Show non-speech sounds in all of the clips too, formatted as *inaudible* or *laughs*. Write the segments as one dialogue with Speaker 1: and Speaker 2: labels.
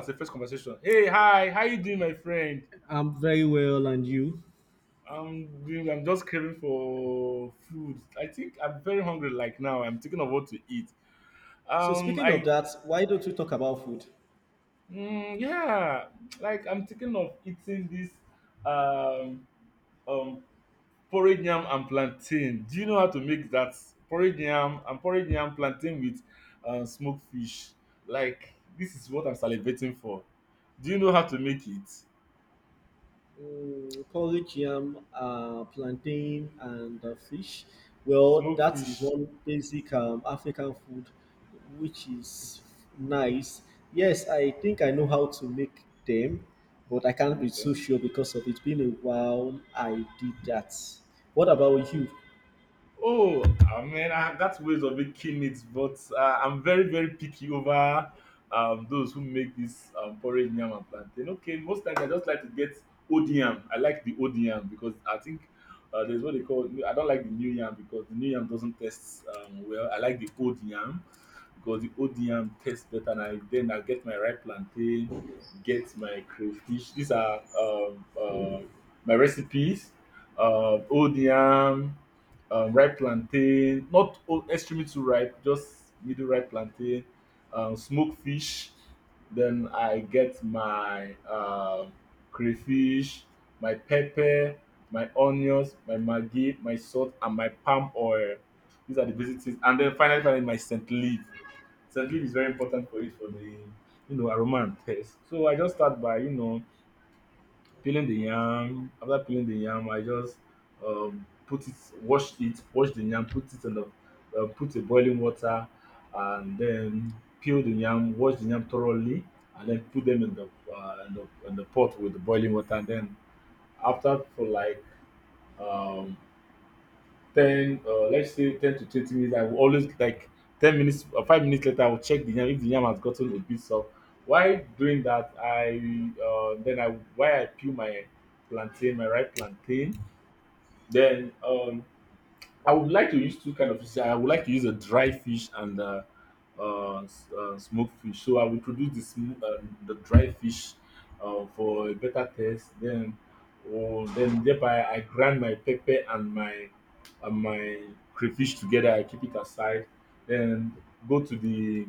Speaker 1: As the first conversation. Hey, hi, how you doing, my friend?
Speaker 2: I'm very well, and you?
Speaker 1: I'm doing. I'm just craving for food. I think I'm very hungry. Like now, I'm thinking of what to eat.
Speaker 2: So
Speaker 1: Um,
Speaker 2: speaking of
Speaker 1: I
Speaker 2: that, why don't we talk about food?
Speaker 1: mm, yeah, like I'm thinking of eating this um um porridge yam and plantain. Do you know how to make that porridge yam and porridge yam plantain with smoked fish? Like this is what I'm salivating for. Do you know how to make it?
Speaker 2: Porridge, yam, plantain, and fish. Well,
Speaker 1: Smoked
Speaker 2: that is
Speaker 1: fish.
Speaker 2: one basic African food, which is nice. Yes, I think I know how to make them, but I can't be so
Speaker 1: Okay.
Speaker 2: sure because of it being a while I did that. What about you?
Speaker 1: Oh, I mean, that's ways of making it, but I'm very, very picky over those who make this porridge yam and plantain. Okay, most times I just like to get old yam. I like the old yam because I think there's what they call. I don't like the new yam because the new yam doesn't taste well. I like the old yam because the ODM yam tastes better and I then I get my ripe plantain, get my crayfish. These are my recipes. ODM, ripe plantain, not old, extremely too ripe, just middle ripe plantain, smoked fish. Then I get my crayfish, my pepper, my onions, my maggi, my salt, and my palm oil. These are the basic things. And then finally, finally, my scent leaf. St. Louis is very important for it for the aroma and taste. So I just start by peeling the yam. After peeling the yam, I just put it, wash the yam, put it in the put a boiling water, and then peel the yam, wash the yam thoroughly, and then put them in the pot with the boiling water. And then after for like um, ten let's say 10 to 20 minutes, I will always like 10 minutes or 5 minutes later, I will check the yam if the yam has gotten a bit soft. While doing that, I while I peel my plantain, my ripe plantain, then I would like to use two kind of fish. I would like to use a dry fish and smoked fish. So I will produce the dry fish for a better taste. Then, or then thereby I grind my pepper and my crayfish together. I keep it aside. Then go to the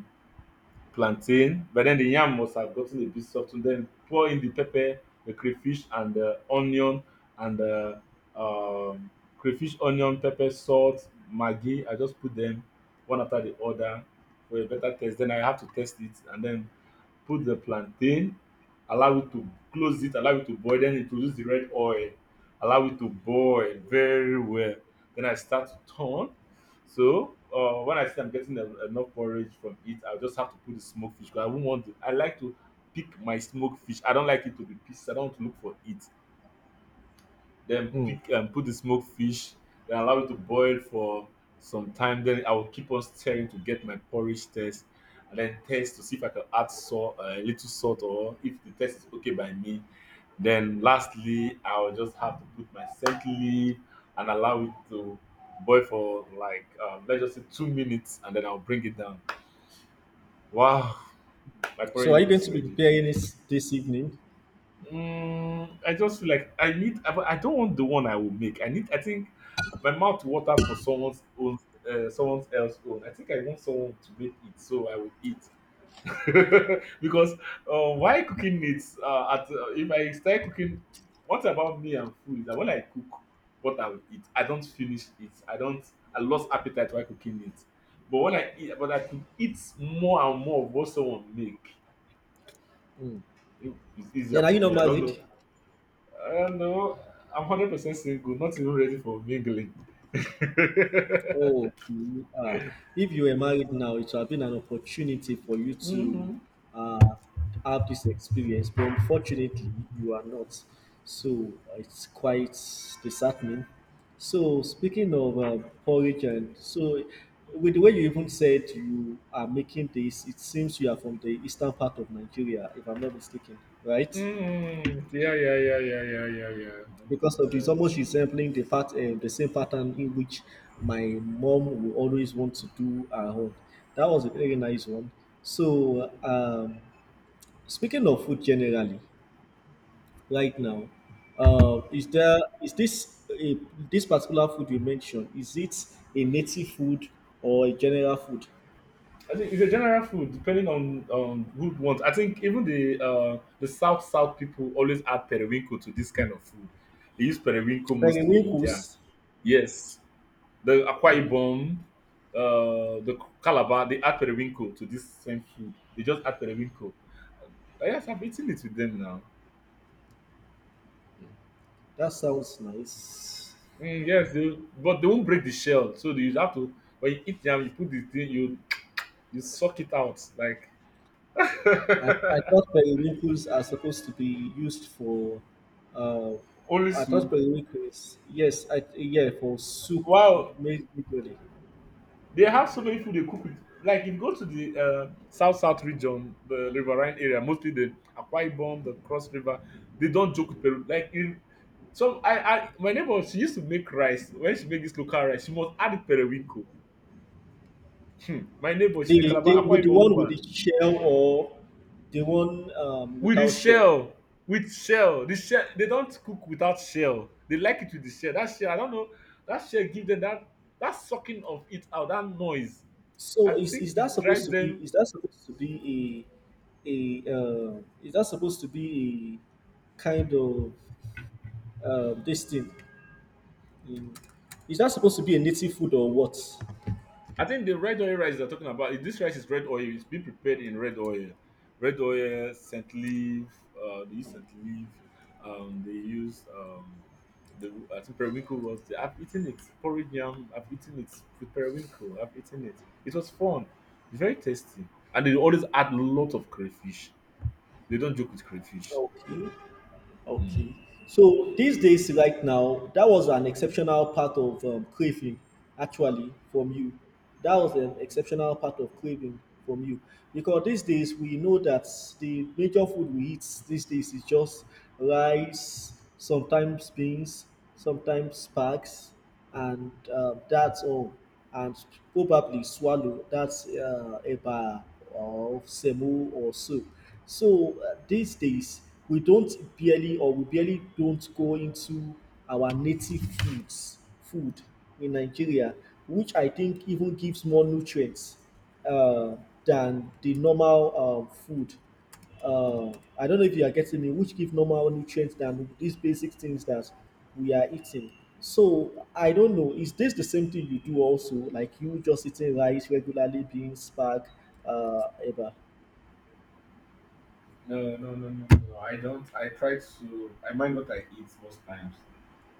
Speaker 1: plantain, but then the yam must have gotten a bit softened, then pour in the pepper, the crayfish, and the onion, and the um, crayfish, onion, pepper, salt, maggi, I just put them one after the other for a better taste. Then I have to test it, and then put the plantain, allow it to close it, allow it to boil, then introduce the red oil, allow it to boil very well. Then I start to turn. So when I see I'm getting enough porridge from it, I'll just have to put the smoked fish. Cause I won't want to. I like to pick my smoked fish. I don't like it to be pieces. I don't want to look for it, then
Speaker 2: Mm.
Speaker 1: pick and put the smoked fish, then allow it to boil for some time. Then I will keep on stirring to get my porridge taste, and then taste to see if I can add salt, a little salt, or if the taste is okay by me. Then lastly, I will just have to put my scent leaf and allow it to boil for like let's just say 2 minutes, and then I'll bring it down. Wow, my porridge
Speaker 2: So are you
Speaker 1: yam
Speaker 2: going
Speaker 1: is
Speaker 2: to be
Speaker 1: ready.
Speaker 2: preparing this evening?
Speaker 1: Mm, I just feel like I need, I don't want the one I will make. I need, I think my mouth waters for someone's own, someone else's own. I think I want someone to make it, so I will eat. *laughs* Because why cooking it? At if I start cooking, what about me and food is that when I cook, what I will eat, I don't finish it. I don't. I lost appetite while cooking it. But when I eat, but I could eat more and more of what someone make. It's easier
Speaker 2: Then are
Speaker 1: for
Speaker 2: you not
Speaker 1: me. I don't know.
Speaker 2: married?
Speaker 1: No, I'm 100% single. Not even ready for mingling. *laughs*
Speaker 2: Oh, okay. Ah, if you were married now, it would have been an opportunity for you to
Speaker 1: Hmm.
Speaker 2: uh, have this experience, but unfortunately, you are not. So it's quite disheartening. So speaking of porridge, and so with the way you even said you are making this, it seems you are from the eastern part of Nigeria, if I'm not mistaken, right?
Speaker 1: Yeah, yeah, yeah, yeah, yeah, yeah, yeah.
Speaker 2: Because of it's almost resembling the fact the same pattern in which my mom will always want to do her own. That was a very nice one. So speaking of food generally, right now, is there is this a, this particular food you mentioned? Is it a native food or a general food?
Speaker 1: I think it's a general food, depending on who wants. I think even the South South people always add periwinkle to this kind of food. They use periwinkle mostly in
Speaker 2: Periwinkles.
Speaker 1: jazz. Yes, the Akwa Ibom, the Calabar, they add periwinkle to this same food. They just add periwinkle. Yes, I've eaten it with them now.
Speaker 2: That sounds nice.
Speaker 1: Mm, yes, will- but they won't break the shell, so you have to. When you eat yam, you put the thing, you suck it out like
Speaker 2: I thought periwinkles are supposed to be used for. Uh,
Speaker 1: *laughs* only
Speaker 2: I thought
Speaker 1: soup.
Speaker 2: periwinkles. Yes, I yeah for soup
Speaker 1: Wow,
Speaker 2: made usually.
Speaker 1: they have so many food they cook with. Like if you go to the south south region, the riverine area, mostly the Akwa Ibom, the Cross River, they don't joke with Peru. Like in some, I my neighbor, she used to make rice. When she make this local rice, she must add periwinkle. Hmm. My neighbor, she's a
Speaker 2: The
Speaker 1: Calabar
Speaker 2: the
Speaker 1: Akwa
Speaker 2: with the
Speaker 1: Ibom
Speaker 2: one with
Speaker 1: woman.
Speaker 2: the shell or the one
Speaker 1: With the
Speaker 2: without shell.
Speaker 1: shell. With shell, the shell, they don't cook without shell, they like it with the shell. That shell, I don't know, that shell give them that, that sucking of it out, that noise. I
Speaker 2: So is,
Speaker 1: think
Speaker 2: is that
Speaker 1: it
Speaker 2: supposed
Speaker 1: drives
Speaker 2: to be?
Speaker 1: them.
Speaker 2: Is that supposed to be a a? Is that supposed to be a kind of this thing? Mm. Is that supposed to be a native food or what?
Speaker 1: I think the red oil rice they're talking about, if this rice is red oil. It's been prepared in red oil. Red oil, scent leaf, they use scent leaf. They use, I think periwinkle was, I've eaten it. Porridge yam, I've eaten it. With periwinkle, I've eaten it. It was fun. It's very tasty. And they always add a lot of crayfish. They don't joke with crayfish.
Speaker 2: Okay.
Speaker 1: Mm.
Speaker 2: Okay. So these days, right now, that was an exceptional part of craving, actually, from you. That was an exceptional part of craving from you. Because these days, we know that the major food we eat these days is just rice, sometimes beans, sometimes bags, and that's all. And probably swallow, that's eba or semu or soup. So these days, we don't barely or we barely don't go into our native foods, food in Nigeria, which I think even gives more nutrients uh, than the normal food. Uh, I don't know if you are getting me, which give normal nutrients than these basic things that we are eating. So I don't know, is this the same thing you do also? Like you just eating rice regularly, beans, spag, uh, ever?
Speaker 1: No, no, no, no, no. I don't. I try to. I mind what I eat most times.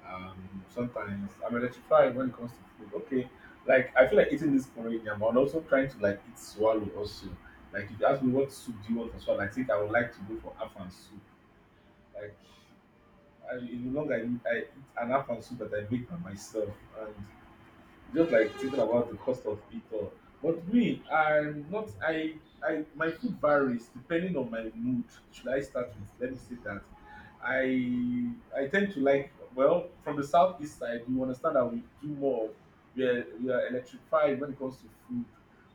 Speaker 1: Sometimes I'm electrified when it comes to food. Okay, like I feel like eating this porridge, and I'm also trying to like eat swallow also. Like if you ask me what soup do you want for swallow, I think I would like to go for afan soup. Like I, in the long I eat an afan soup that I make by myself, just like thinking about the cost of it all. But me, I'm not. I my food varies depending on my mood. Should I start with? Let me say that. I I tend to like well from the southeast side. You understand that we do more. We are electrified when it comes to food.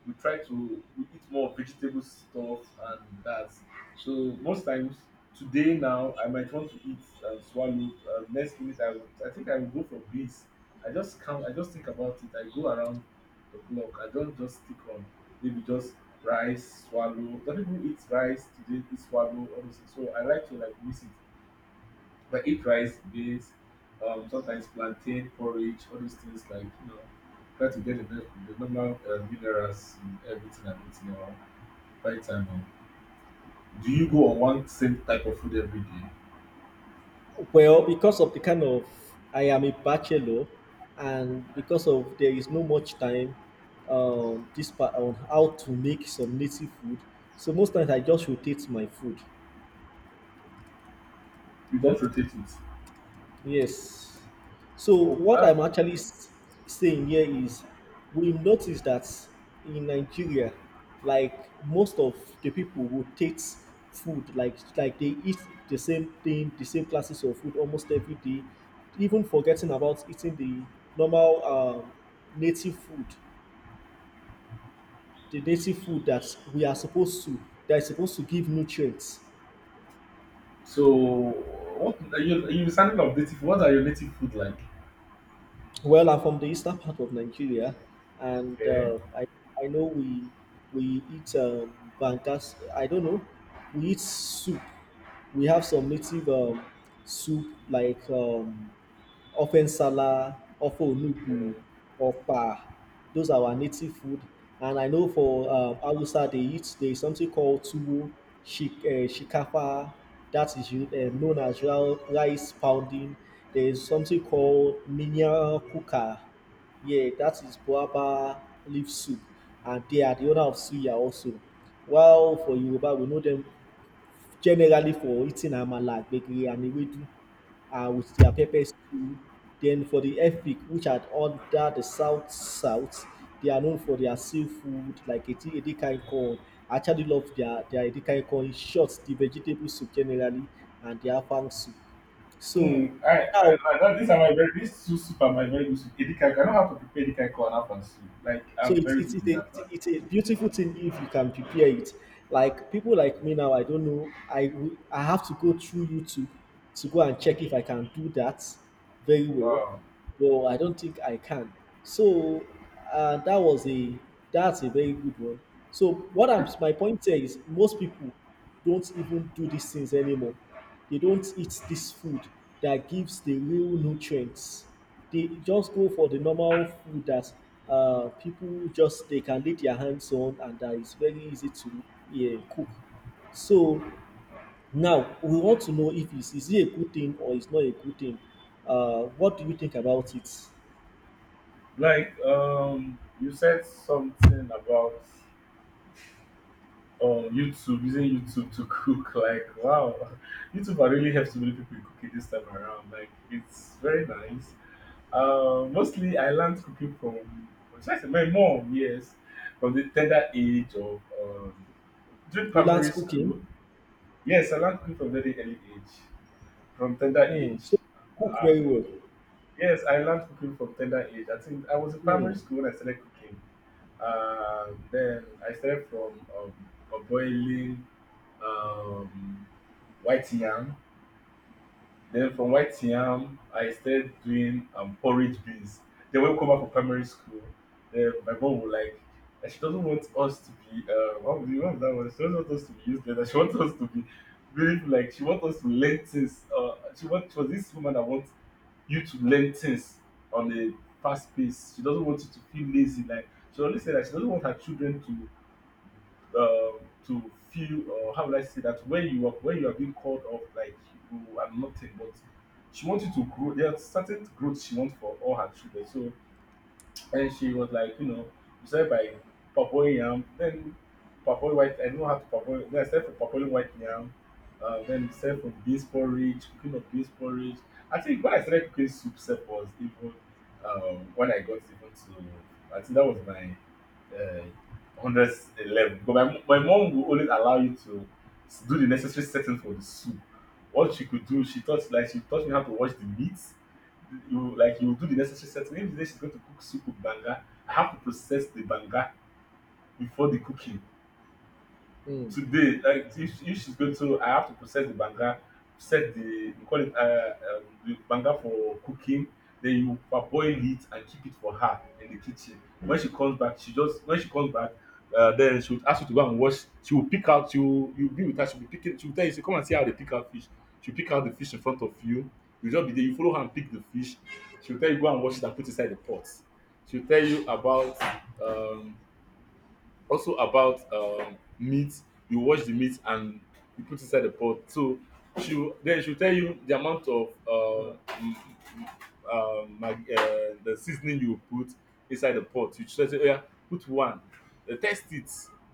Speaker 1: We try to we eat more vegetable stuff and that. So most times today now I might want to eat and swallow. Next minute I think I will go for beans. I just think about it. I go around the clock. I don't just stick on maybe just rice, swallow. Some people eat rice today, eat swallow, all those things. So I like to like mix it. But eat rice, beans, sometimes plantain porridge, all those things like try to get the normal minerals and everything around. By the time, do you go on one same type of food every day?
Speaker 2: Well, because of the kind of I am a bachelor, and because of there is no much time, this part on how to make some native food. So most times I just rotate my food.
Speaker 1: You don't rotate it.
Speaker 2: Yes. So
Speaker 1: Oh,
Speaker 2: what
Speaker 1: that's
Speaker 2: I'm actually saying here is we've noticed that in Nigeria, like most of the people rotate food, like they eat the same thing, the same classes of food almost every day, even forgetting about eating the normal native food, the native food that we are supposed to that is supposed to give nutrients.
Speaker 1: so. What are you? Are you sounding of native? What are your native food like?
Speaker 2: Well, I'm from the eastern part of Nigeria, and
Speaker 1: Yeah.
Speaker 2: uh, I know we eat bankas. I don't know. We eat soup. We have some native soup like ofe nsala, ofe
Speaker 1: Yeah.
Speaker 2: onugbu, Opa, those are our native food. And I know for Hausa, they eat there is something called tuwo, shikafa, that is known as rice pounding. There is something called minya kuka. Yeah, that is guava leaf soup. And they are the owner of suya also. While for Yoruba, we know them generally for eating amala, gbegiri and ewedu with their pepper stew. Then for the Efik, which are under the south south, they are known for their seafood like edikan corn. I actually love their edikan corn. In short, the vegetable soup generally and their afang soup.
Speaker 1: Mm,
Speaker 2: So now,
Speaker 1: like that, these are my very, these two soup are my very good soup. Edikaiko, I know how to prepare edikaiko and afan soup. Like,
Speaker 2: so
Speaker 1: I'm
Speaker 2: it's
Speaker 1: very good in that part.
Speaker 2: it's a beautiful thing if you can prepare it. Like people like me now, I don't know. I I have to go through YouTube to go and check if I can do that very well,
Speaker 1: Wow.
Speaker 2: but I don't think I can. So uh, that was a that's a very good one. So what I'm my point here is most people don't even do these things anymore. They don't eat this food that gives the real nutrients, they just go for the normal food that people just they can lay their hands on and that is very easy to, yeah, cook. So now we want to know if it's is it a good thing or it's not a good thing. What do you think about it?
Speaker 1: Like, you said something about YouTube, using YouTube to *laughs* cook. Like, wow, *laughs* YouTube are really helps so many people in cooking this time around. Like, it's very nice. Mostly I learned cooking from, should I say my mom? Yes, from the tender age of during
Speaker 2: You learn
Speaker 1: primary school.
Speaker 2: cooking,
Speaker 1: Yes, I learned cooking from very early age, from tender age.
Speaker 2: mm. So you cook
Speaker 1: Uh,
Speaker 2: very well.
Speaker 1: yes, I learned cooking from tender age. I think I was in primary
Speaker 2: Mm.
Speaker 1: school when I started cooking. Then I started from boiling um, white yam, then from white yam, I started doing porridge beans. Then when we come back from primary school, then my mom would like, and she doesn't want us to be, what was that one? She doesn't want us to be useless. And she wants us to be really like, she wants us to learn things. She was this woman that wants you to learn things on a fast pace. She doesn't want you to feel lazy. Like, she always said that she doesn't want her children uh, to feel or how would I say that when you are being called off like you are nothing, but she wanted to grow. There are certain growth she wants for all her children. So, and she was like, you started by parboiling yam, then parboil white. I don't know how to parboil. Then I started for parboiling white yam. Then self from beans porridge, cooking of beans porridge. I think when I started cooking soup, self was even when I got even to. I think that was my uh, 100 level. But my mom will always allow you to do the necessary setting for the soup. What she could do, she taught like she taught me how to wash the meat. You, like, you do the necessary setting. Maybe today she's going to cook soup with banga. I have to process the banga before the cooking
Speaker 2: Mm.
Speaker 1: today, like, if she's going to, I have to process the banga, set the, we call it, the banga for cooking. Then you parboil it and keep it for her in the kitchen. When she comes back, she just when she comes back, then she will ask you to go and wash. She will pick out you. You be with her. She will be picking. She will tell you, say, come and see how they pick out fish. She will pick out the fish in front of you. You just be there. You follow her and pick the fish. She will tell you go and wash it and put inside the pot. She will tell you about um, also about meat. You wash the meat and you put inside the pot. So then she'll tell you the amount of m- m- the seasoning you put inside the pot. You just say, oh yeah, put one. They test it.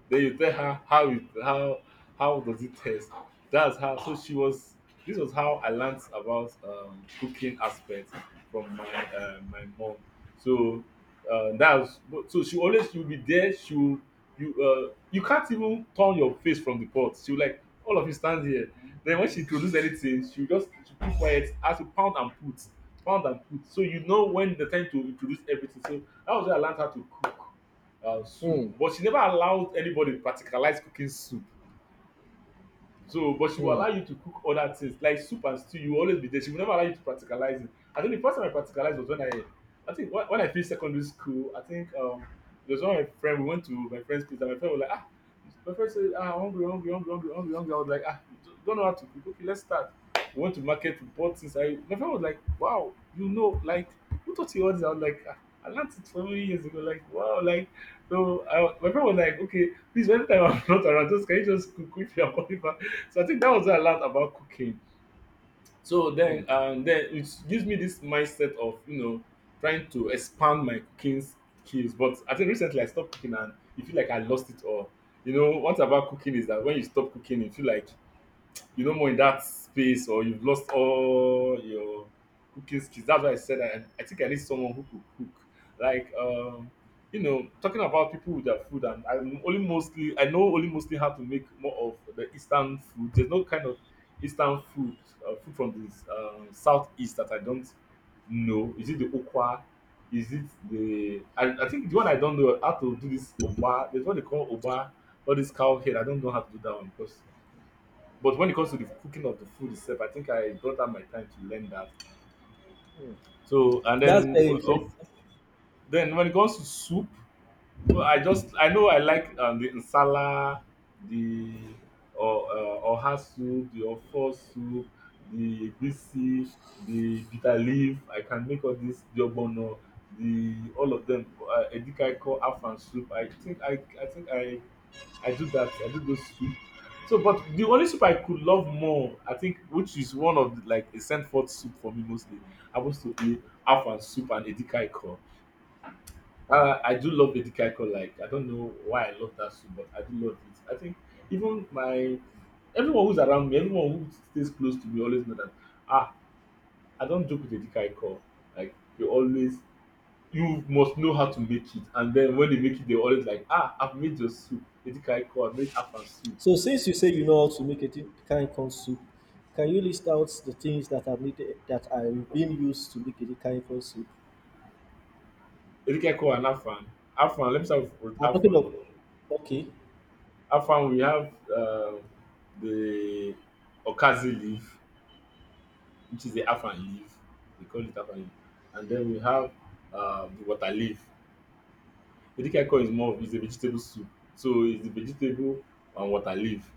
Speaker 1: Then you tell her how does it taste. That's how. So she was. This was how I learned about cooking aspect from my mom. So, that's so she always will be there. She will you you can't even turn your face from the pot. She will like all of you stand here. Then when she introduce anything, she will just she keep quiet as you pound and put, pound and put. So you know when the time to introduce everything. So that was where I learned how to cook soup.
Speaker 2: Mm.
Speaker 1: But she never allowed anybody to practicalize cooking soup. So, but she will allow
Speaker 2: Mm.
Speaker 1: you to cook other things like soup and stew. You will always be there. She will never allow you to practicalize it. I think the first time I practicalized was I think when I finished secondary school. I think there was one of my friend. We went to my friend's place, and my friend said, ah, hungry, hungry, hungry, hungry, hungry, hungry. I was like, ah, you don't know how to cook. Okay, let's start. We went to market, we bought things. My friend was like, wow, like who taught you all this? I was like, ah, I learned it so many years ago. Like wow, like so. My friend was like, okay, please, anytime I'm *laughs* not around, just can you just cook if you're so I think that was a lot about cooking. So then,
Speaker 2: Mm.
Speaker 1: and then it gives me this mindset of trying to expand my cooking skills. But I think recently I stopped cooking and you feel like I lost it all. You know, what about cooking is that when you stop cooking, you feel like you're no more in that space or you've lost all your cooking skills. That's why I said I think I need someone who could cook. Like, talking about people with their food, and I know only mostly how to make more of the Eastern food. There's no kind of Eastern food, food from the Southeast that I don't know. Is it the okwa? Is it the, I think the one I don't know how to do this oba, there's what they call oba, all this cow head. I don't know how to do that one because but when it comes to the cooking of the food itself, I think I brought out my time to learn that. So and
Speaker 2: That's
Speaker 1: then
Speaker 2: very
Speaker 1: oh,
Speaker 2: interesting.
Speaker 1: then when it comes to soup, well, I know I like the insala, the, or oha soup, the ofo soup, the bisi, the bitter leaf. I can make all this the ogbono, the all of them. Edikaiko, afan soup. I do that. I do those two. So, but the only soup I could love more, I think, which is one of the, like a sent forth soup for me mostly, happens to be Afan soup and Edikai call. I do love Edikai call. Like I don't know why I love that soup, but I do love it. I think even my everyone who's around me, everyone who stays close to me, always know that ah, I don't joke with Edikai call. Like they always, you must know how to make it, and then when they make it, they always like ah, I've made your soup, Edikai call, I made Afan soup,
Speaker 2: So since you say you know how to make a kind corn soup, can you list out the things that are needed that are being used to make a kind corn soup?
Speaker 1: Ikeko and Afan. Afan, let me start with
Speaker 2: I'm talking
Speaker 1: Afan.
Speaker 2: of, okay.
Speaker 1: Afan, we have the Okazi leaf, which is the Afan leaf. They call it Afan leaf. And then we have the water leaf. Ikeko is more of is a vegetable soup. So it's the vegetable and water leaf.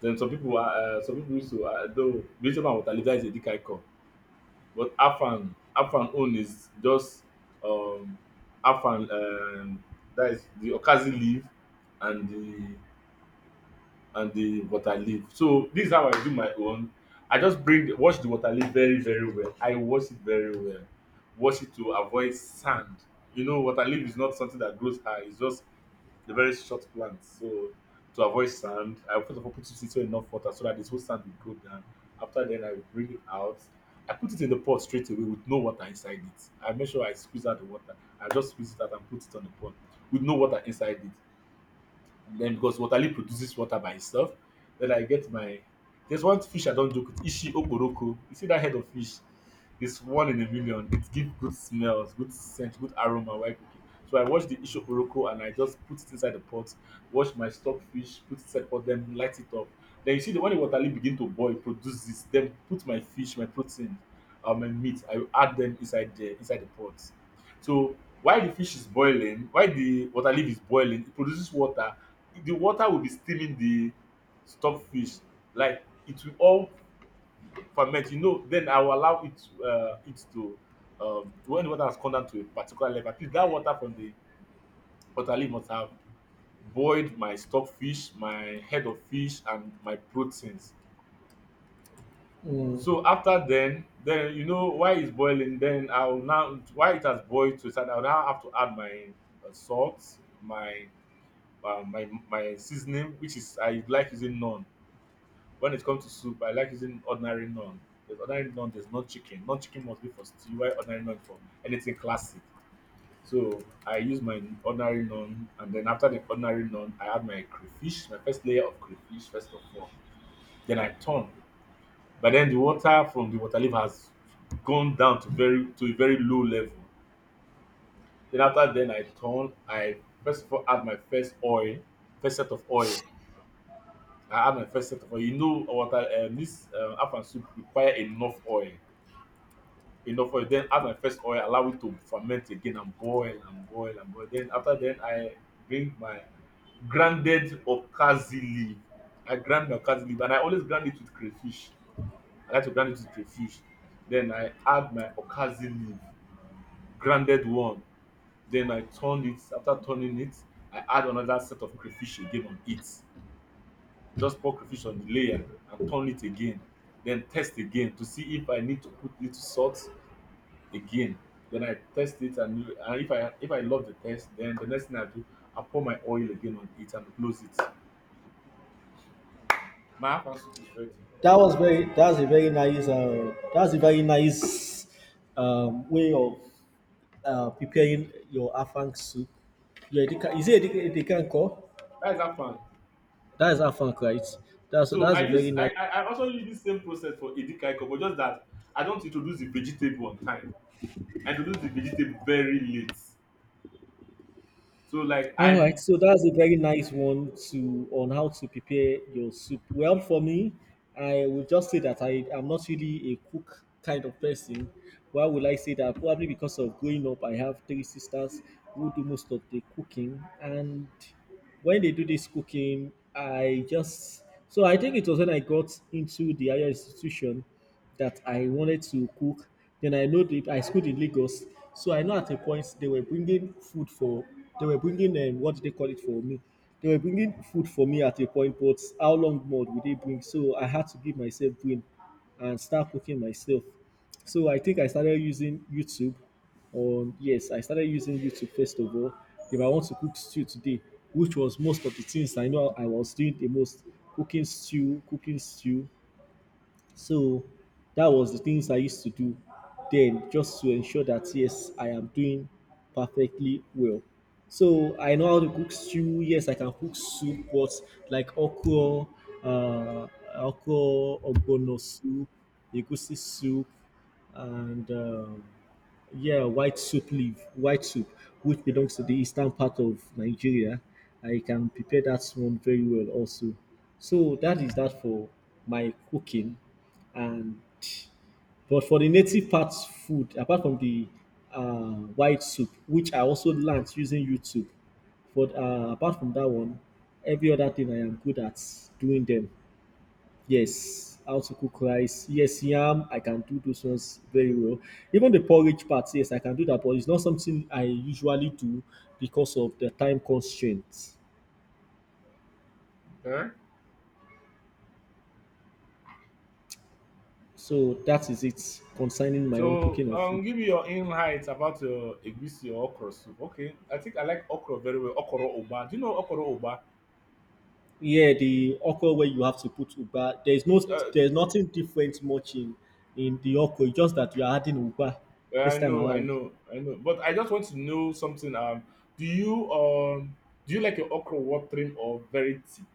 Speaker 1: Then some people used to, though, vegetable and water leaf, that is Ikeko. But Afan own is just um Afan, that is the Okazi leaf and the and the water leaf. So this is how I do my own. I just bring wash the water leaf very, very well. I wash it very well. Wash it to avoid sand. You know, water leaf is not something that grows high. It's just a very short plant. So to avoid sand, I first of all put it into enough water so that this whole sand will go down. After then, I bring it out. I put it in the pot straight away with no water inside it. I make sure I squeeze out the water. I just squeeze it out and put it on the pot with no water inside it. Then because Waterloo produces water by itself, then I get my. There's one fish I don't joke with, Ishi Oporoko. You see that head of fish? It's one in a million. It gives good smells, good scent, good aroma while cooking. So I wash the Ishi Oporoko and I just put it inside the pot, wash my stockfish, put it inside the pot, then light it up. Then you see the when the Waterloo begin to boil, produce this, then put my fish, my protein, my meat, I will add them inside the pot. So while the fish is boiling, while the water leaf is boiling, it produces water. The water will be steaming the stockfish, like it will all ferment, you know. Then I will allow it to, when the water has come down to a particular level, at least that water from the water must have boiled my stockfish, my head of fish, and my proteins.
Speaker 2: Mm,
Speaker 1: So after then, why it's boiling, then I will now, why it has boiled to a, I will now have to add my salt, my my seasoning, which is, I like using none. When it comes to soup, I like using ordinary naan. There's ordinary naan, there's not chicken. Non chicken must be for stew, while ordinary naan is for anything classic. So I use my ordinary naan, and then after the ordinary naan, I add my crayfish, my first layer of crayfish, first of all. Then I turn. But then the water from the water leaf has gone down to very to a very low level. Then after then I turn, I first of all add my first oil, first set of oil. I add my first set of oil. You know, water this afan soup require enough oil. Enough oil, then add my first oil, allow it to ferment again and boil and boil and boil. Then after then, I bring my grounded okazi leaf. I grind my okazi leaf and I always grind it with crayfish. I like to grind it with crayfish. Then I add my okazi leaf, grounded one. Then I turn it. After turning it, I add another set of crayfish again on it, just pour crayfish on the layer and turn it again. Then test again to see if I need to put little salt again. Then I test it, and if I love the test, then the next thing I do, I pour my oil again on it and close it. My afan soup is ready.
Speaker 2: that was very that's a very nice way of preparing your afang soup. Your edika, is it edika, edikan call?
Speaker 1: That is afan.
Speaker 2: That is afang, right?
Speaker 1: So
Speaker 2: That's
Speaker 1: I
Speaker 2: a very
Speaker 1: use
Speaker 2: nice.
Speaker 1: I, I I also use this same process for edikaiko, but just that I don't introduce the vegetable on time. I introduce the vegetable very late. So like
Speaker 2: All right,
Speaker 1: I'm.
Speaker 2: so that's a very nice one to on how to prepare your soup. Well, for me, I would just say that I am not really a cook kind of person. Why would I say that? Probably because of growing up, I have three sisters who do most of the cooking, and when they do this cooking, I just so I think it was when I got into the higher institution that I wanted to cook. Then I know that I schooled in Lagos, so I know at a point they were bringing food for, they were bringing what do they call it for me? They were bringing food for me at a point, but how long more would they bring? So I had to give myself brain and start cooking myself. So I think I started using YouTube. I started using YouTube first of all. If I want to cook stew today, which was most of the things I know I was doing the most, cooking stew, so that was the things I used to do then just to ensure that yes, I am doing perfectly well. So I know how to cook stew. Yes, I can cook soup, but like okra, uh, okra, ogbono soup, egusi soup, and yeah, white soup leaf, white soup, which belongs to the eastern part of Nigeria. I can prepare that one very well also. So that is that for my cooking. And but for the native part food, apart from the white soup, which I also learned using YouTube. But apart from that one, every other thing I am good at doing them. Yes, how to cook rice. Yes, yam. I can do those ones very well. Even the porridge part, yes, I can do that, but it's not something I usually do because of the time constraints.
Speaker 1: Huh?
Speaker 2: So that is it concerning my own
Speaker 1: So
Speaker 2: cooking of food.
Speaker 1: give me your insights about your egusi or okra soup. Okay, I think I like okra very well. Okoro oba. Do you know okoro oba?
Speaker 2: Yeah, the okra where you have to put uba. There is no,
Speaker 1: Uh,
Speaker 2: there's nothing different much in the okra. It's just that you are adding uba
Speaker 1: Yeah, I
Speaker 2: this time
Speaker 1: know, I
Speaker 2: around.
Speaker 1: know, I know. But I just want to know something. Do you do you like your okra watering or very thick?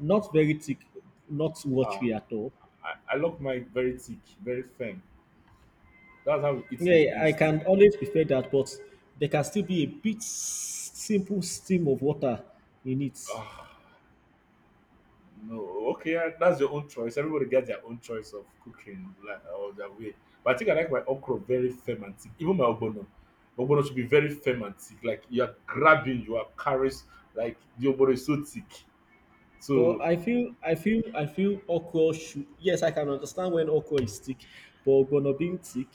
Speaker 2: Not very thick, not
Speaker 1: Uh,
Speaker 2: watery at all.
Speaker 1: I love mine very thick, very firm. That's how we eat
Speaker 2: Yeah,
Speaker 1: in the
Speaker 2: yeah, I
Speaker 1: east.
Speaker 2: can always prefer that, but there can still be a bit simple steam of water in it.
Speaker 1: Ah, no, okay, yeah, that's your own choice. Everybody gets their own choice of cooking like or their way. But I think I like my okra very firm and thick. Even my obono, obono should be very firm and thick. Like you are grabbing, you are carries like the obono is so thick.
Speaker 2: But
Speaker 1: So.
Speaker 2: I feel okra should. Yes, I can understand when okra is thick, but ogbono being thick,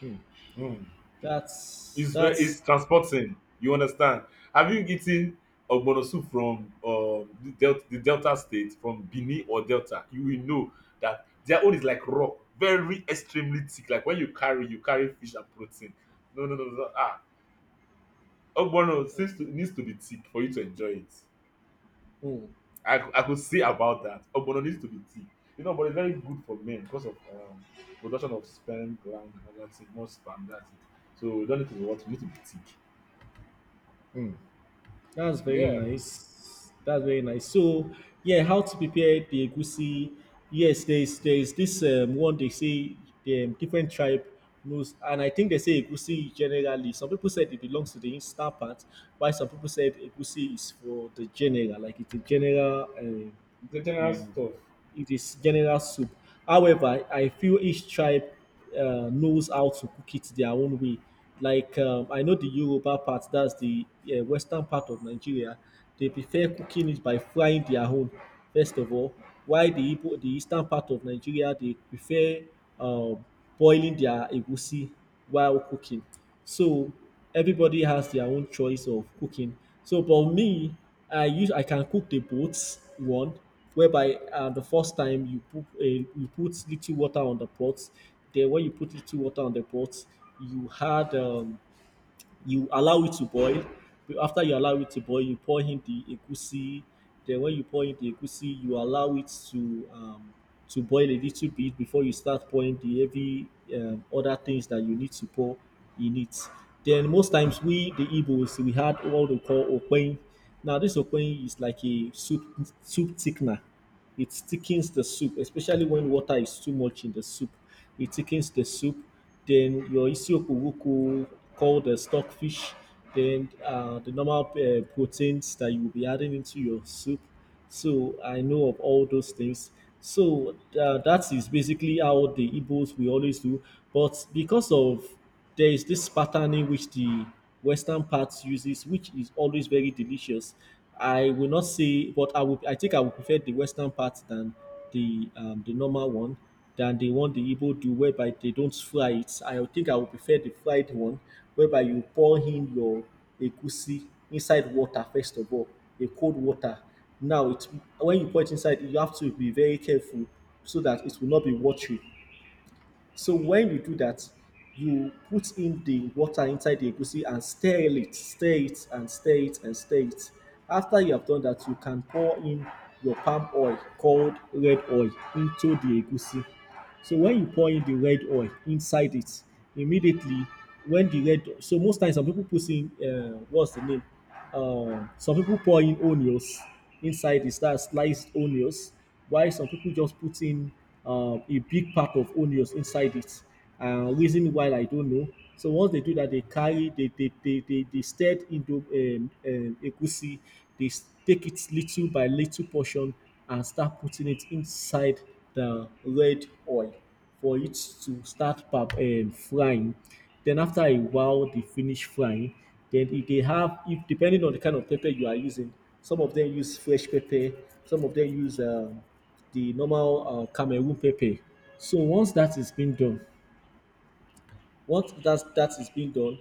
Speaker 2: hmm,
Speaker 1: Mm.
Speaker 2: that's
Speaker 1: It's very
Speaker 2: that's.
Speaker 1: it's transporting, you understand. Have you eaten ogbono soup from the del the Delta State, from Benin or Delta? You will know that their own is like rock, very extremely thick, like when you carry fish and protein. No no no no no. Ah, ogbono
Speaker 2: Hmm.
Speaker 1: seems to needs to be thick for you to enjoy it.
Speaker 2: Hmm.
Speaker 1: I could say about that. Ogbono needs to be thick. You know, but it's very good for men because of production of sperm, gland, and all that thing, more sperm, that's it. So you don't need to be what, you need to be thick.
Speaker 2: That's very
Speaker 1: Yeah.
Speaker 2: nice. That's very nice. So, yeah, how to prepare the egusi? Yes, there's this one they say the different tribe knows, and I think they say egusi generally. Some people said it belongs to the instant part, while some people said egusi is for the general, like it's a general
Speaker 1: The general
Speaker 2: um,
Speaker 1: stuff.
Speaker 2: it is general soup. However, I feel each tribe knows how to cook it their own way. Like I know the Yoruba part, that's the western part of Nigeria. They prefer cooking it by frying their own first of all. While the Igbo, the eastern part of Nigeria, they prefer um, boiling their egusi while cooking. So everybody has their own choice of cooking. So, for me, I use I can cook the both one whereby the first time you put you put little water on the pot. Then when you put little water on the pot, you had you allow it to boil. But after you allow it to boil, you pour in the egusi. Then when you pour in the egusi, you allow it to boil a little bit before you start pouring the heavy other things that you need to pour in it. Then most times we the Igbos we had what we call okpein. Now this okpein is like a soup thickener. It thickens the soup, especially when water is too much in the soup. It thickens the soup. Then your isiokpo woko called the stockfish. Then the normal proteins that you will be adding into your soup. So I know of all those things. So that is basically how the Igbos we always do. But because of there is this pattern in which the western part uses, which is always very delicious. I will not say, but I think I would prefer the western part than the normal one than the one the Igbo do, whereby they don't fry it. I think I would prefer the fried one, whereby you pour in your egusi inside water first of all, a cold water. Now, when you pour it inside, you have to be very careful so that it will not be watery. So when you do that, you put in the water inside the egusi and stir it, and stir it, and stir it. After you have done that, you can pour in your palm oil called red oil into the egusi. So when you pour in the red oil inside it, immediately when the red, so most times some people put in what's the name? Some people pour in onions inside it, that's sliced onions. Why some people just put in a big pack of onions inside it, reason why I don't know. So once they do that, they carry, they stirred into egusi. They take it little by little portion and start putting it inside the red oil for it to start frying. Then after a while, they finish frying. Then if they have, if depending on the kind of pepper you are using, some of them use fresh pepper, some of them use the normal Cameroon pepper. So once that is being done, once that is being done,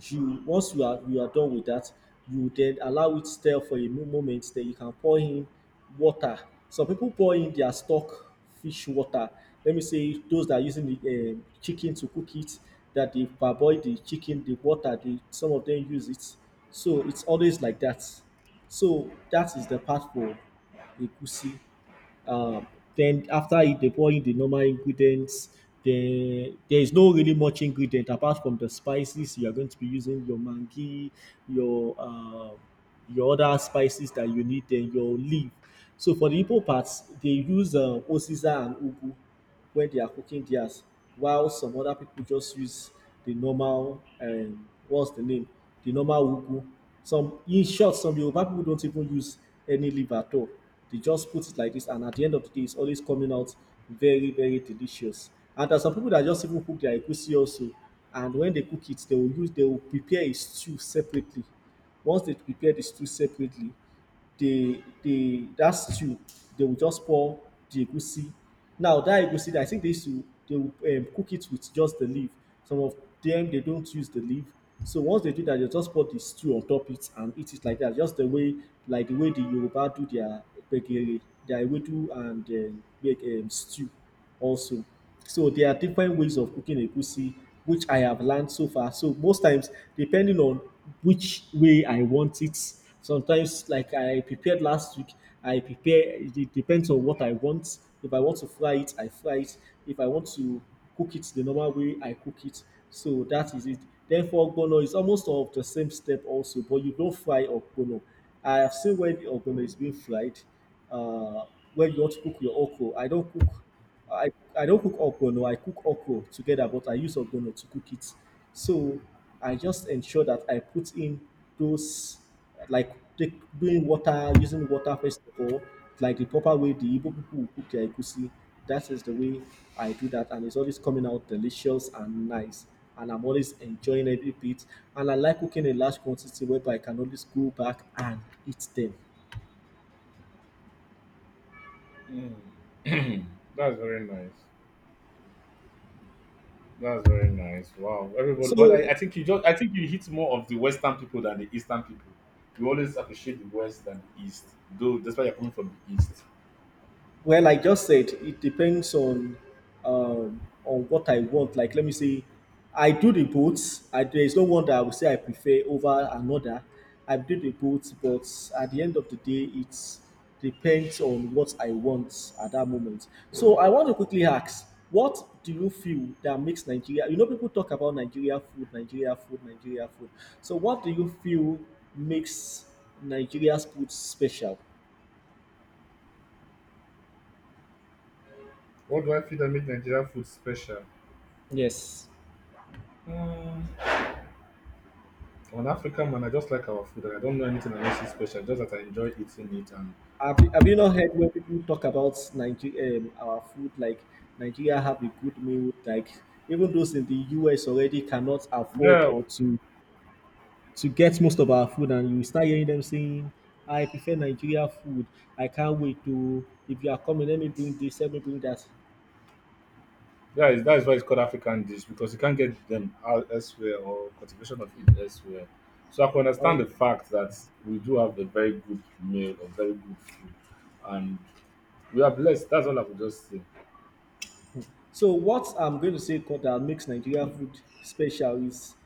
Speaker 2: you once you are done with that, you then allow it stir for a moment. Then you can pour in water. Some people pour in their stock fish water. Let me say those that are using the chicken to cook it, that they parboil the chicken, the water they, some of them use it. So it's always like that. So that is the part for egusi. um then after it, they pour in the normal ingredients. Then there is no really much ingredient apart from the spices you are going to be using, your mangi, your uh, your other spices that you need, then your leaf. So for the Igbo parts, they use uziza and ugwu when they are cooking theirs, while some other people just use the normal, what's the name, the normal ugu. Some, in short, some Yoruba people don't even use any leaf at all. They just put it like this, and at the end of the day it's always coming out very, very delicious. And there's some people that just even cook their egusi also, and when they cook it they will prepare a stew separately. Once they prepare the stew separately, they that stew, they will just pour the egusi. Now that egusi, I think they used to they will cook it with just the leaf. Some of them, they don't use the leaf. So once they do that, they just pour the stew on top it and eat it like that. Just the way, like the way the Yoruba do their gbegiri, their ewedu and make stew also. So there are different ways of cooking egusi, which I have learned so far. So most times, depending on which way I want it, sometimes like I prepared last week, I prepare. It depends on what I want. If I want to fry it, I fry it. If I want to cook it, the normal way, I cook it. So that is it. Therefore, ogbono is almost of the same step also, but you don't fry ogbono. I have seen when the ogbono is being fried, uh, when you want to cook your okro. I, I don't cook ogbono, I cook okro together, but I use ogbono to cook it. So I just ensure that I put in those, like take, doing water, using water first of all, like the proper way the Igbo people will cook their egusi. That is the way I do that, and it's always coming out delicious and nice. And I'm always enjoying every bit. And I like cooking in large quantity whereby I can always go back and eat them.
Speaker 1: Mm. *clears throat* That's very nice. That's very nice. Wow. Everybody but
Speaker 2: So
Speaker 1: I think you just I think you hit more of the Western people than the Eastern people. You always appreciate the West than the East. Though that's why you're coming from the East.
Speaker 2: Well, I just said it depends on what I want. Like, let me see, I do the boots. I There is no one that I would say I prefer over another. I do the boots, but at the end of the day, it depends on what I want at that moment. So I want to quickly ask, what do you feel that makes Nigeria? You know, people talk about Nigeria food, Nigeria food, Nigeria food. So what do you feel makes Nigeria's food special?
Speaker 1: What do I feel that make Nigerian food special?
Speaker 2: Yes.
Speaker 1: Mm. I'm an African man, I just like our food and I don't know anything that makes it special, just that I enjoy eating it and
Speaker 2: Have you
Speaker 1: uh,
Speaker 2: not heard when people talk about Nigeria, our food? Like Nigeria have a good meal. Like even those in the US already cannot afford
Speaker 1: yeah.
Speaker 2: or to get most of our food, and you start hearing them saying, "I prefer Nigeria food. I can't wait to. If you are coming, let me bring this. Let me bring that."
Speaker 1: That is why it's called African dish because you can't get them out elsewhere or cultivation of it elsewhere. So I can understand the fact that we do have a very good meal or very good food, and we are blessed. That's all I would just say.
Speaker 2: So what I'm going to say, that makes Nigeria food special is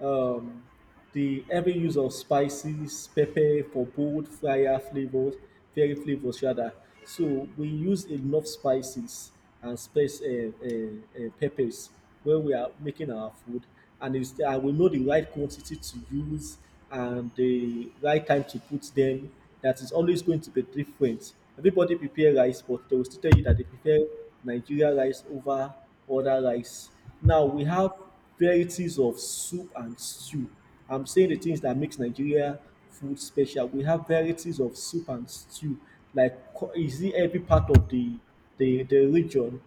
Speaker 2: um, the heavy use of spices, pepper for bold fire flavors, very flavors rather. So we use enough spices and space, peppers, when we are making our food, and we know the right quantity to use and the right time to put them, that is always going to be different. Everybody prepare rice, but they will still tell you that they prefer Nigeria rice over other rice. Now we have varieties of soup and stew. I'm saying the things that makes Nigeria food special. We have varieties of soup and stew. Like, is it every part of the, the region,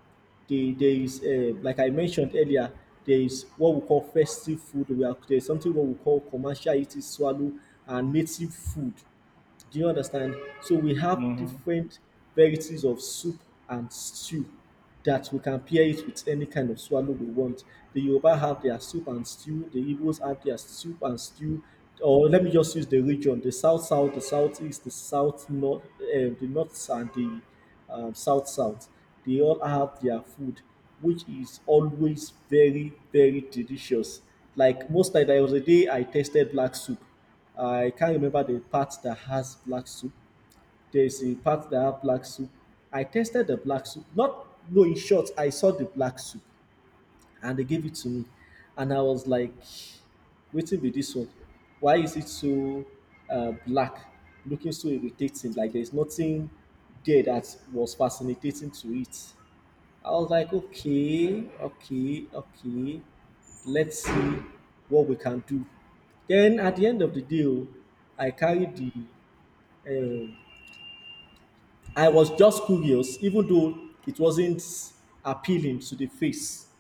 Speaker 2: there is, like I mentioned earlier, there is what we call festive food. There is something what we call commercial eating swallow and native food. Do you understand? So we have
Speaker 1: Mm-hmm.
Speaker 2: different varieties of soup and stew that we can pair it with any kind of swallow we want. The Yoruba have their soup and stew, the Igbos have their soup and stew, or let me just use the region, the south south, the southeast, the south north, eh, the north and the south south. They all have their food, which is always very, very delicious. Like most night, there was a day I tasted black soup. I can't remember the part that has black soup. There is a part that has black soup. I tasted the black soup. Not no, in short, I saw the black soup and they gave it to me. And I was like, waiting be this one. Why is it so black? Looking so irritating, like there's nothing there that was fascinating to it. I was like, okay, okay, okay, let's see what we can do. Then at the end of the deal, I carried the. Um, I was just curious, even though it wasn't appealing to the face.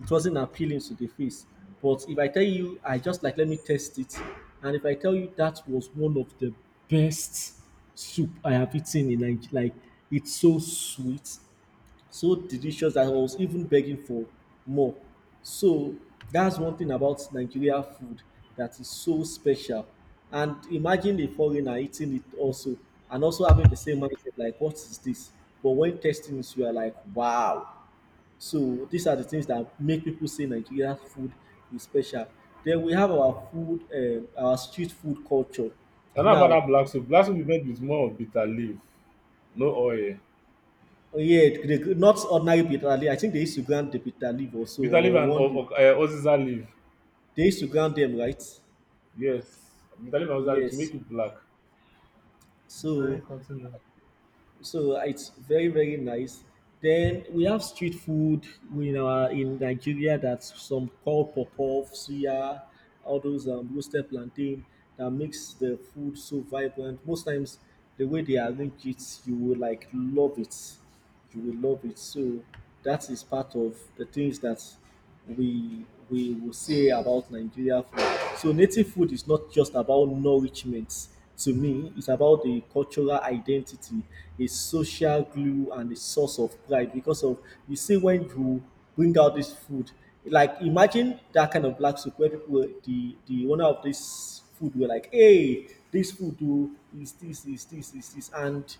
Speaker 2: It wasn't appealing to the face. But if I tell you, I just like let me test it, and if I tell you that was one of the best soup I have eaten in Nigeria, like it's so sweet, so delicious that I was even begging for more. So that's one thing about Nigeria food that is so special. And imagine a foreigner eating it also and also having the same mindset like, what is this? But when testing it, you are like, wow. So these are the things that make people say Nigeria food is special. Then we have our food, our street food culture.
Speaker 1: And how about that
Speaker 2: Now,
Speaker 1: black soup? Black soup we made with more of bitter leaf, no oil.
Speaker 2: yeah, not ordinary bitter leaf. I think they used to grant the bitter leaf also,
Speaker 1: Bitter leaf
Speaker 2: or
Speaker 1: and
Speaker 2: one leaf
Speaker 1: oziza leaf.
Speaker 2: they used to ground them, right?
Speaker 1: Yes, bitter leaf and oziza leaf to
Speaker 2: Yes.
Speaker 1: make it black.
Speaker 2: So it's very, very nice. Then we have street food in Nigeria, that's some called popov, suya, all those roasted plantain that makes the food so vibrant. Most times the way they arrange it, you will like love it. You will love it. So that is part of the things that we will say about Nigeria food. So native food is not just about nourishment. To me, it's about the cultural identity, a social glue, and a source of pride. Because of, you see, when you bring out this food, like imagine that kind of black soup where people, the owner of this food were like, "Hey, this food do is this is this is this," and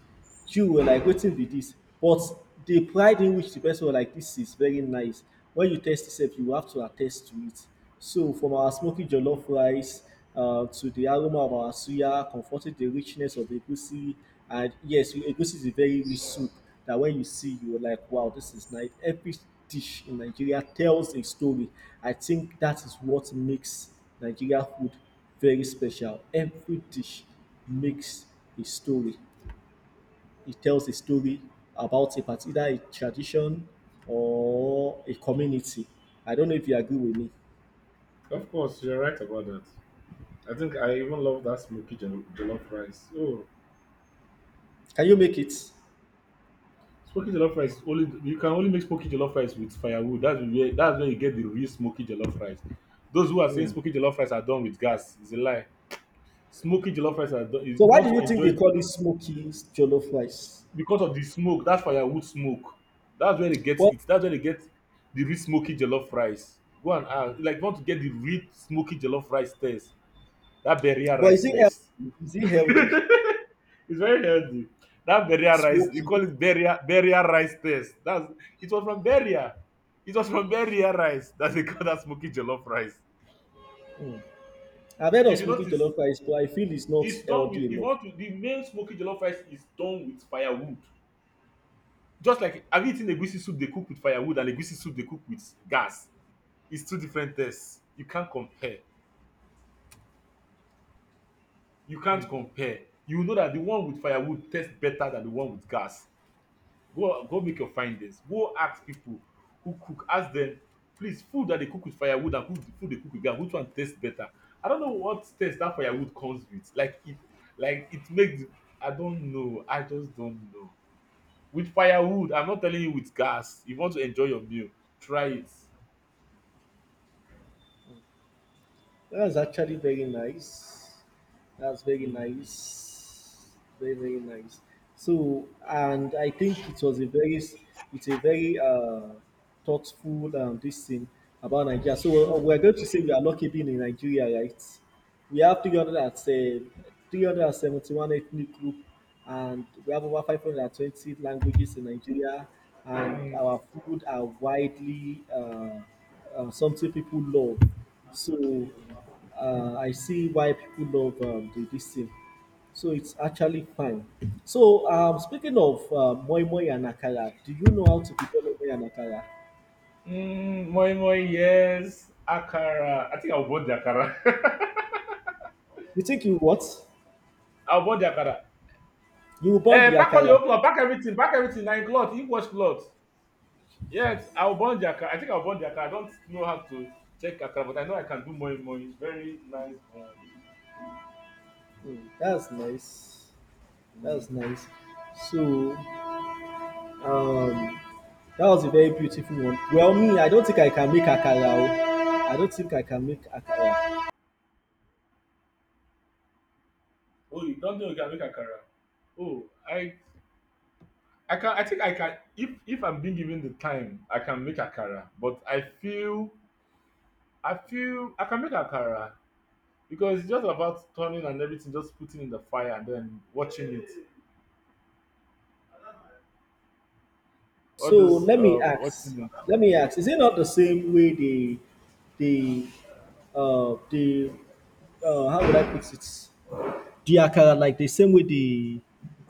Speaker 2: you were like wetin be dis, but the pride in which the person was like, this is very nice. When you taste it, you have to attest to it. So from our smoky jollof rice, to the aroma of our suya, comforting, the richness of egusi, and yes, egusi is a very rich soup that when you see, you were like wow, this is nice. Every dish in Nigeria tells a story. I think that is what makes Nigeria food very special. Every dish makes a story, it tells a story about a part, either a tradition or a community. I don't know if you agree with me.
Speaker 1: Of course, you're right about that. I think I even love that smoky jollof rice. Oh,
Speaker 2: Can you make it? So
Speaker 1: smoky jollof rice only you can only make smoky jollof rice with firewood. That's where you get the real smoky jollof rice. Those who are saying smoky jollof rice are done with gas is a lie. Smoky jollof rice are done. If you
Speaker 2: why do
Speaker 1: want to
Speaker 2: you think
Speaker 1: enjoy
Speaker 2: they call it smoky jollof rice?
Speaker 1: because of the smoke, that's firewood smoke. That's where they get
Speaker 2: Well,
Speaker 1: it. That's where they get the real smoky jollof rice. Go and ask. Like you want to get the real smoky jollof rice test. That barrier
Speaker 2: but
Speaker 1: rice
Speaker 2: is it
Speaker 1: test.
Speaker 2: healthy? Is it healthy?
Speaker 1: It's very healthy. That burial rice, you
Speaker 2: Smoky.
Speaker 1: call it burial burial rice test. That's it was from burial. It was from burial rice that they call that smoky jollof rice.
Speaker 2: I've heard
Speaker 1: If
Speaker 2: of
Speaker 1: you
Speaker 2: smoky
Speaker 1: notice,
Speaker 2: jollof rice, but I feel it's not
Speaker 1: it's done with.
Speaker 2: healthy
Speaker 1: If you
Speaker 2: enough.
Speaker 1: want to, the main smoky jollof rice is done with firewood. Just like have you eaten egusi soup they cook with firewood and egusi soup they cook with gas? It's two different tests. You can't compare. You can't compare. You know that the one with firewood tastes better than the one with gas. Go go make your findings. Go ask people who cook. Ask them, please, food that they cook with firewood and food, food they cook with gas, which one tastes better? I don't know what taste that firewood comes with. Like it makes. I don't know. I just don't know. With firewood, I'm not telling you with gas. If you want to enjoy your meal, try it.
Speaker 2: That's actually very nice. That's very nice. Very, very nice. So, and I think it was a very, it's a very thoughtful, this thing about Nigeria. So we're going to say we are lucky being in Nigeria, right? We have 300 and, 371 ethnic group, and we have over 520 languages in Nigeria, and our food are widely, something people love. So I see why people love, the this thing. So it's actually fine. So speaking of moi moi and akara, do you know how to prepare moi moi and akara?
Speaker 1: Mm, moi moi, yes. Akara. I think I'll bought the akara. *laughs*
Speaker 2: You think you what?
Speaker 1: I'll bought the akara.
Speaker 2: You will burn
Speaker 1: Eh,
Speaker 2: the
Speaker 1: pack all the whole
Speaker 2: akara.
Speaker 1: cloth, pack everything, nine cloth, you wash cloth. Yes, I'll burn the akara. I think I'll burn the akara. I don't know how to check akara, but I know I can do moi moi. Very nice one.
Speaker 2: Hmm, that's nice. That's
Speaker 1: Mm-hmm.
Speaker 2: nice. So um, that was a very beautiful one. Well, me, I don't think I can make akara. Oh. I don't think I can make akara.
Speaker 1: Oh, you don't know you can make akara. Oh, I can I think I can, if I'm being given the time, I can make akara. But I feel I feel I can make akara because it's just about turning and everything, just putting in the fire and then watching it. All
Speaker 2: So
Speaker 1: those watching it.
Speaker 2: let me ask, is it not the same way the, the the how would I put it? The akara, like the same way they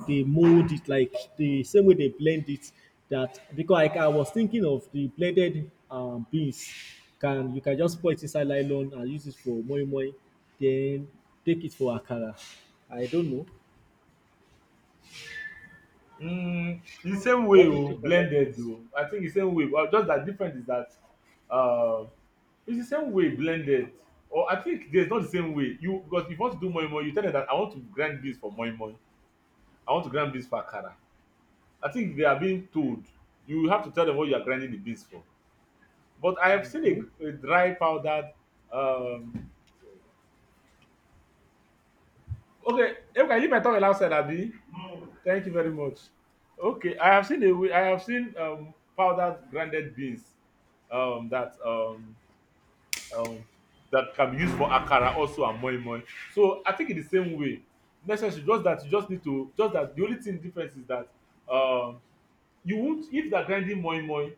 Speaker 2: they mold it, like the same way they blend it. That because like I was thinking of the blended beans, can just pour it inside nylon and use it for moi moi, then take it for akara. I don't know.
Speaker 1: Mm, the same way,
Speaker 2: What do you
Speaker 1: oh,
Speaker 2: think about
Speaker 1: blended though. I think the same way. Well, just that different is that uh, it's the same way blended, or I think there's not the same way you because if you want to do moi moi, you tell them that I want to grind this for moi moi, I want to grind this for akara. I think they are being told, you have to tell them what you are grinding the beans for. But I have
Speaker 2: it? Mhm.
Speaker 1: seen a dry powdered um, okay okay leave my tongue outside abi, thank you very much. Okay, I have seen a way, I have seen powdered grinded beans um, that um, um, that can be used for akara also and moi moi. So I think in the same way, necessary just that you just need to just that the only thing difference is that um, you won't if they are grinding moi moi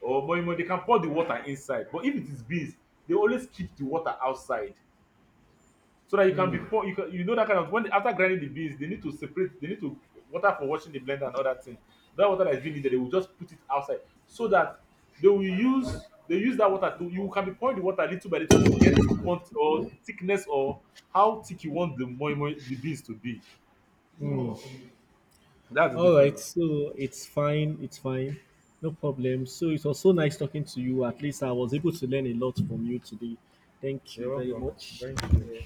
Speaker 1: or moi moi they can pour the water inside, but if it is beans they always keep the water outside so that you can be pour you can, you know that kind of when they, after grinding the beans they need to separate, they need to water for washing the blender and all that thing. That water that is being needed, they will just put it outside so that they will use they use that water to you can be pouring the water little by little to get the quantity or the thickness or how thick you want the moi moi the beans to be. That's the
Speaker 2: All right,
Speaker 1: difference.
Speaker 2: so it's fine, no problem. So it was so nice talking to you. At least I was able to learn a lot from you today. Thank you very much. Yeah.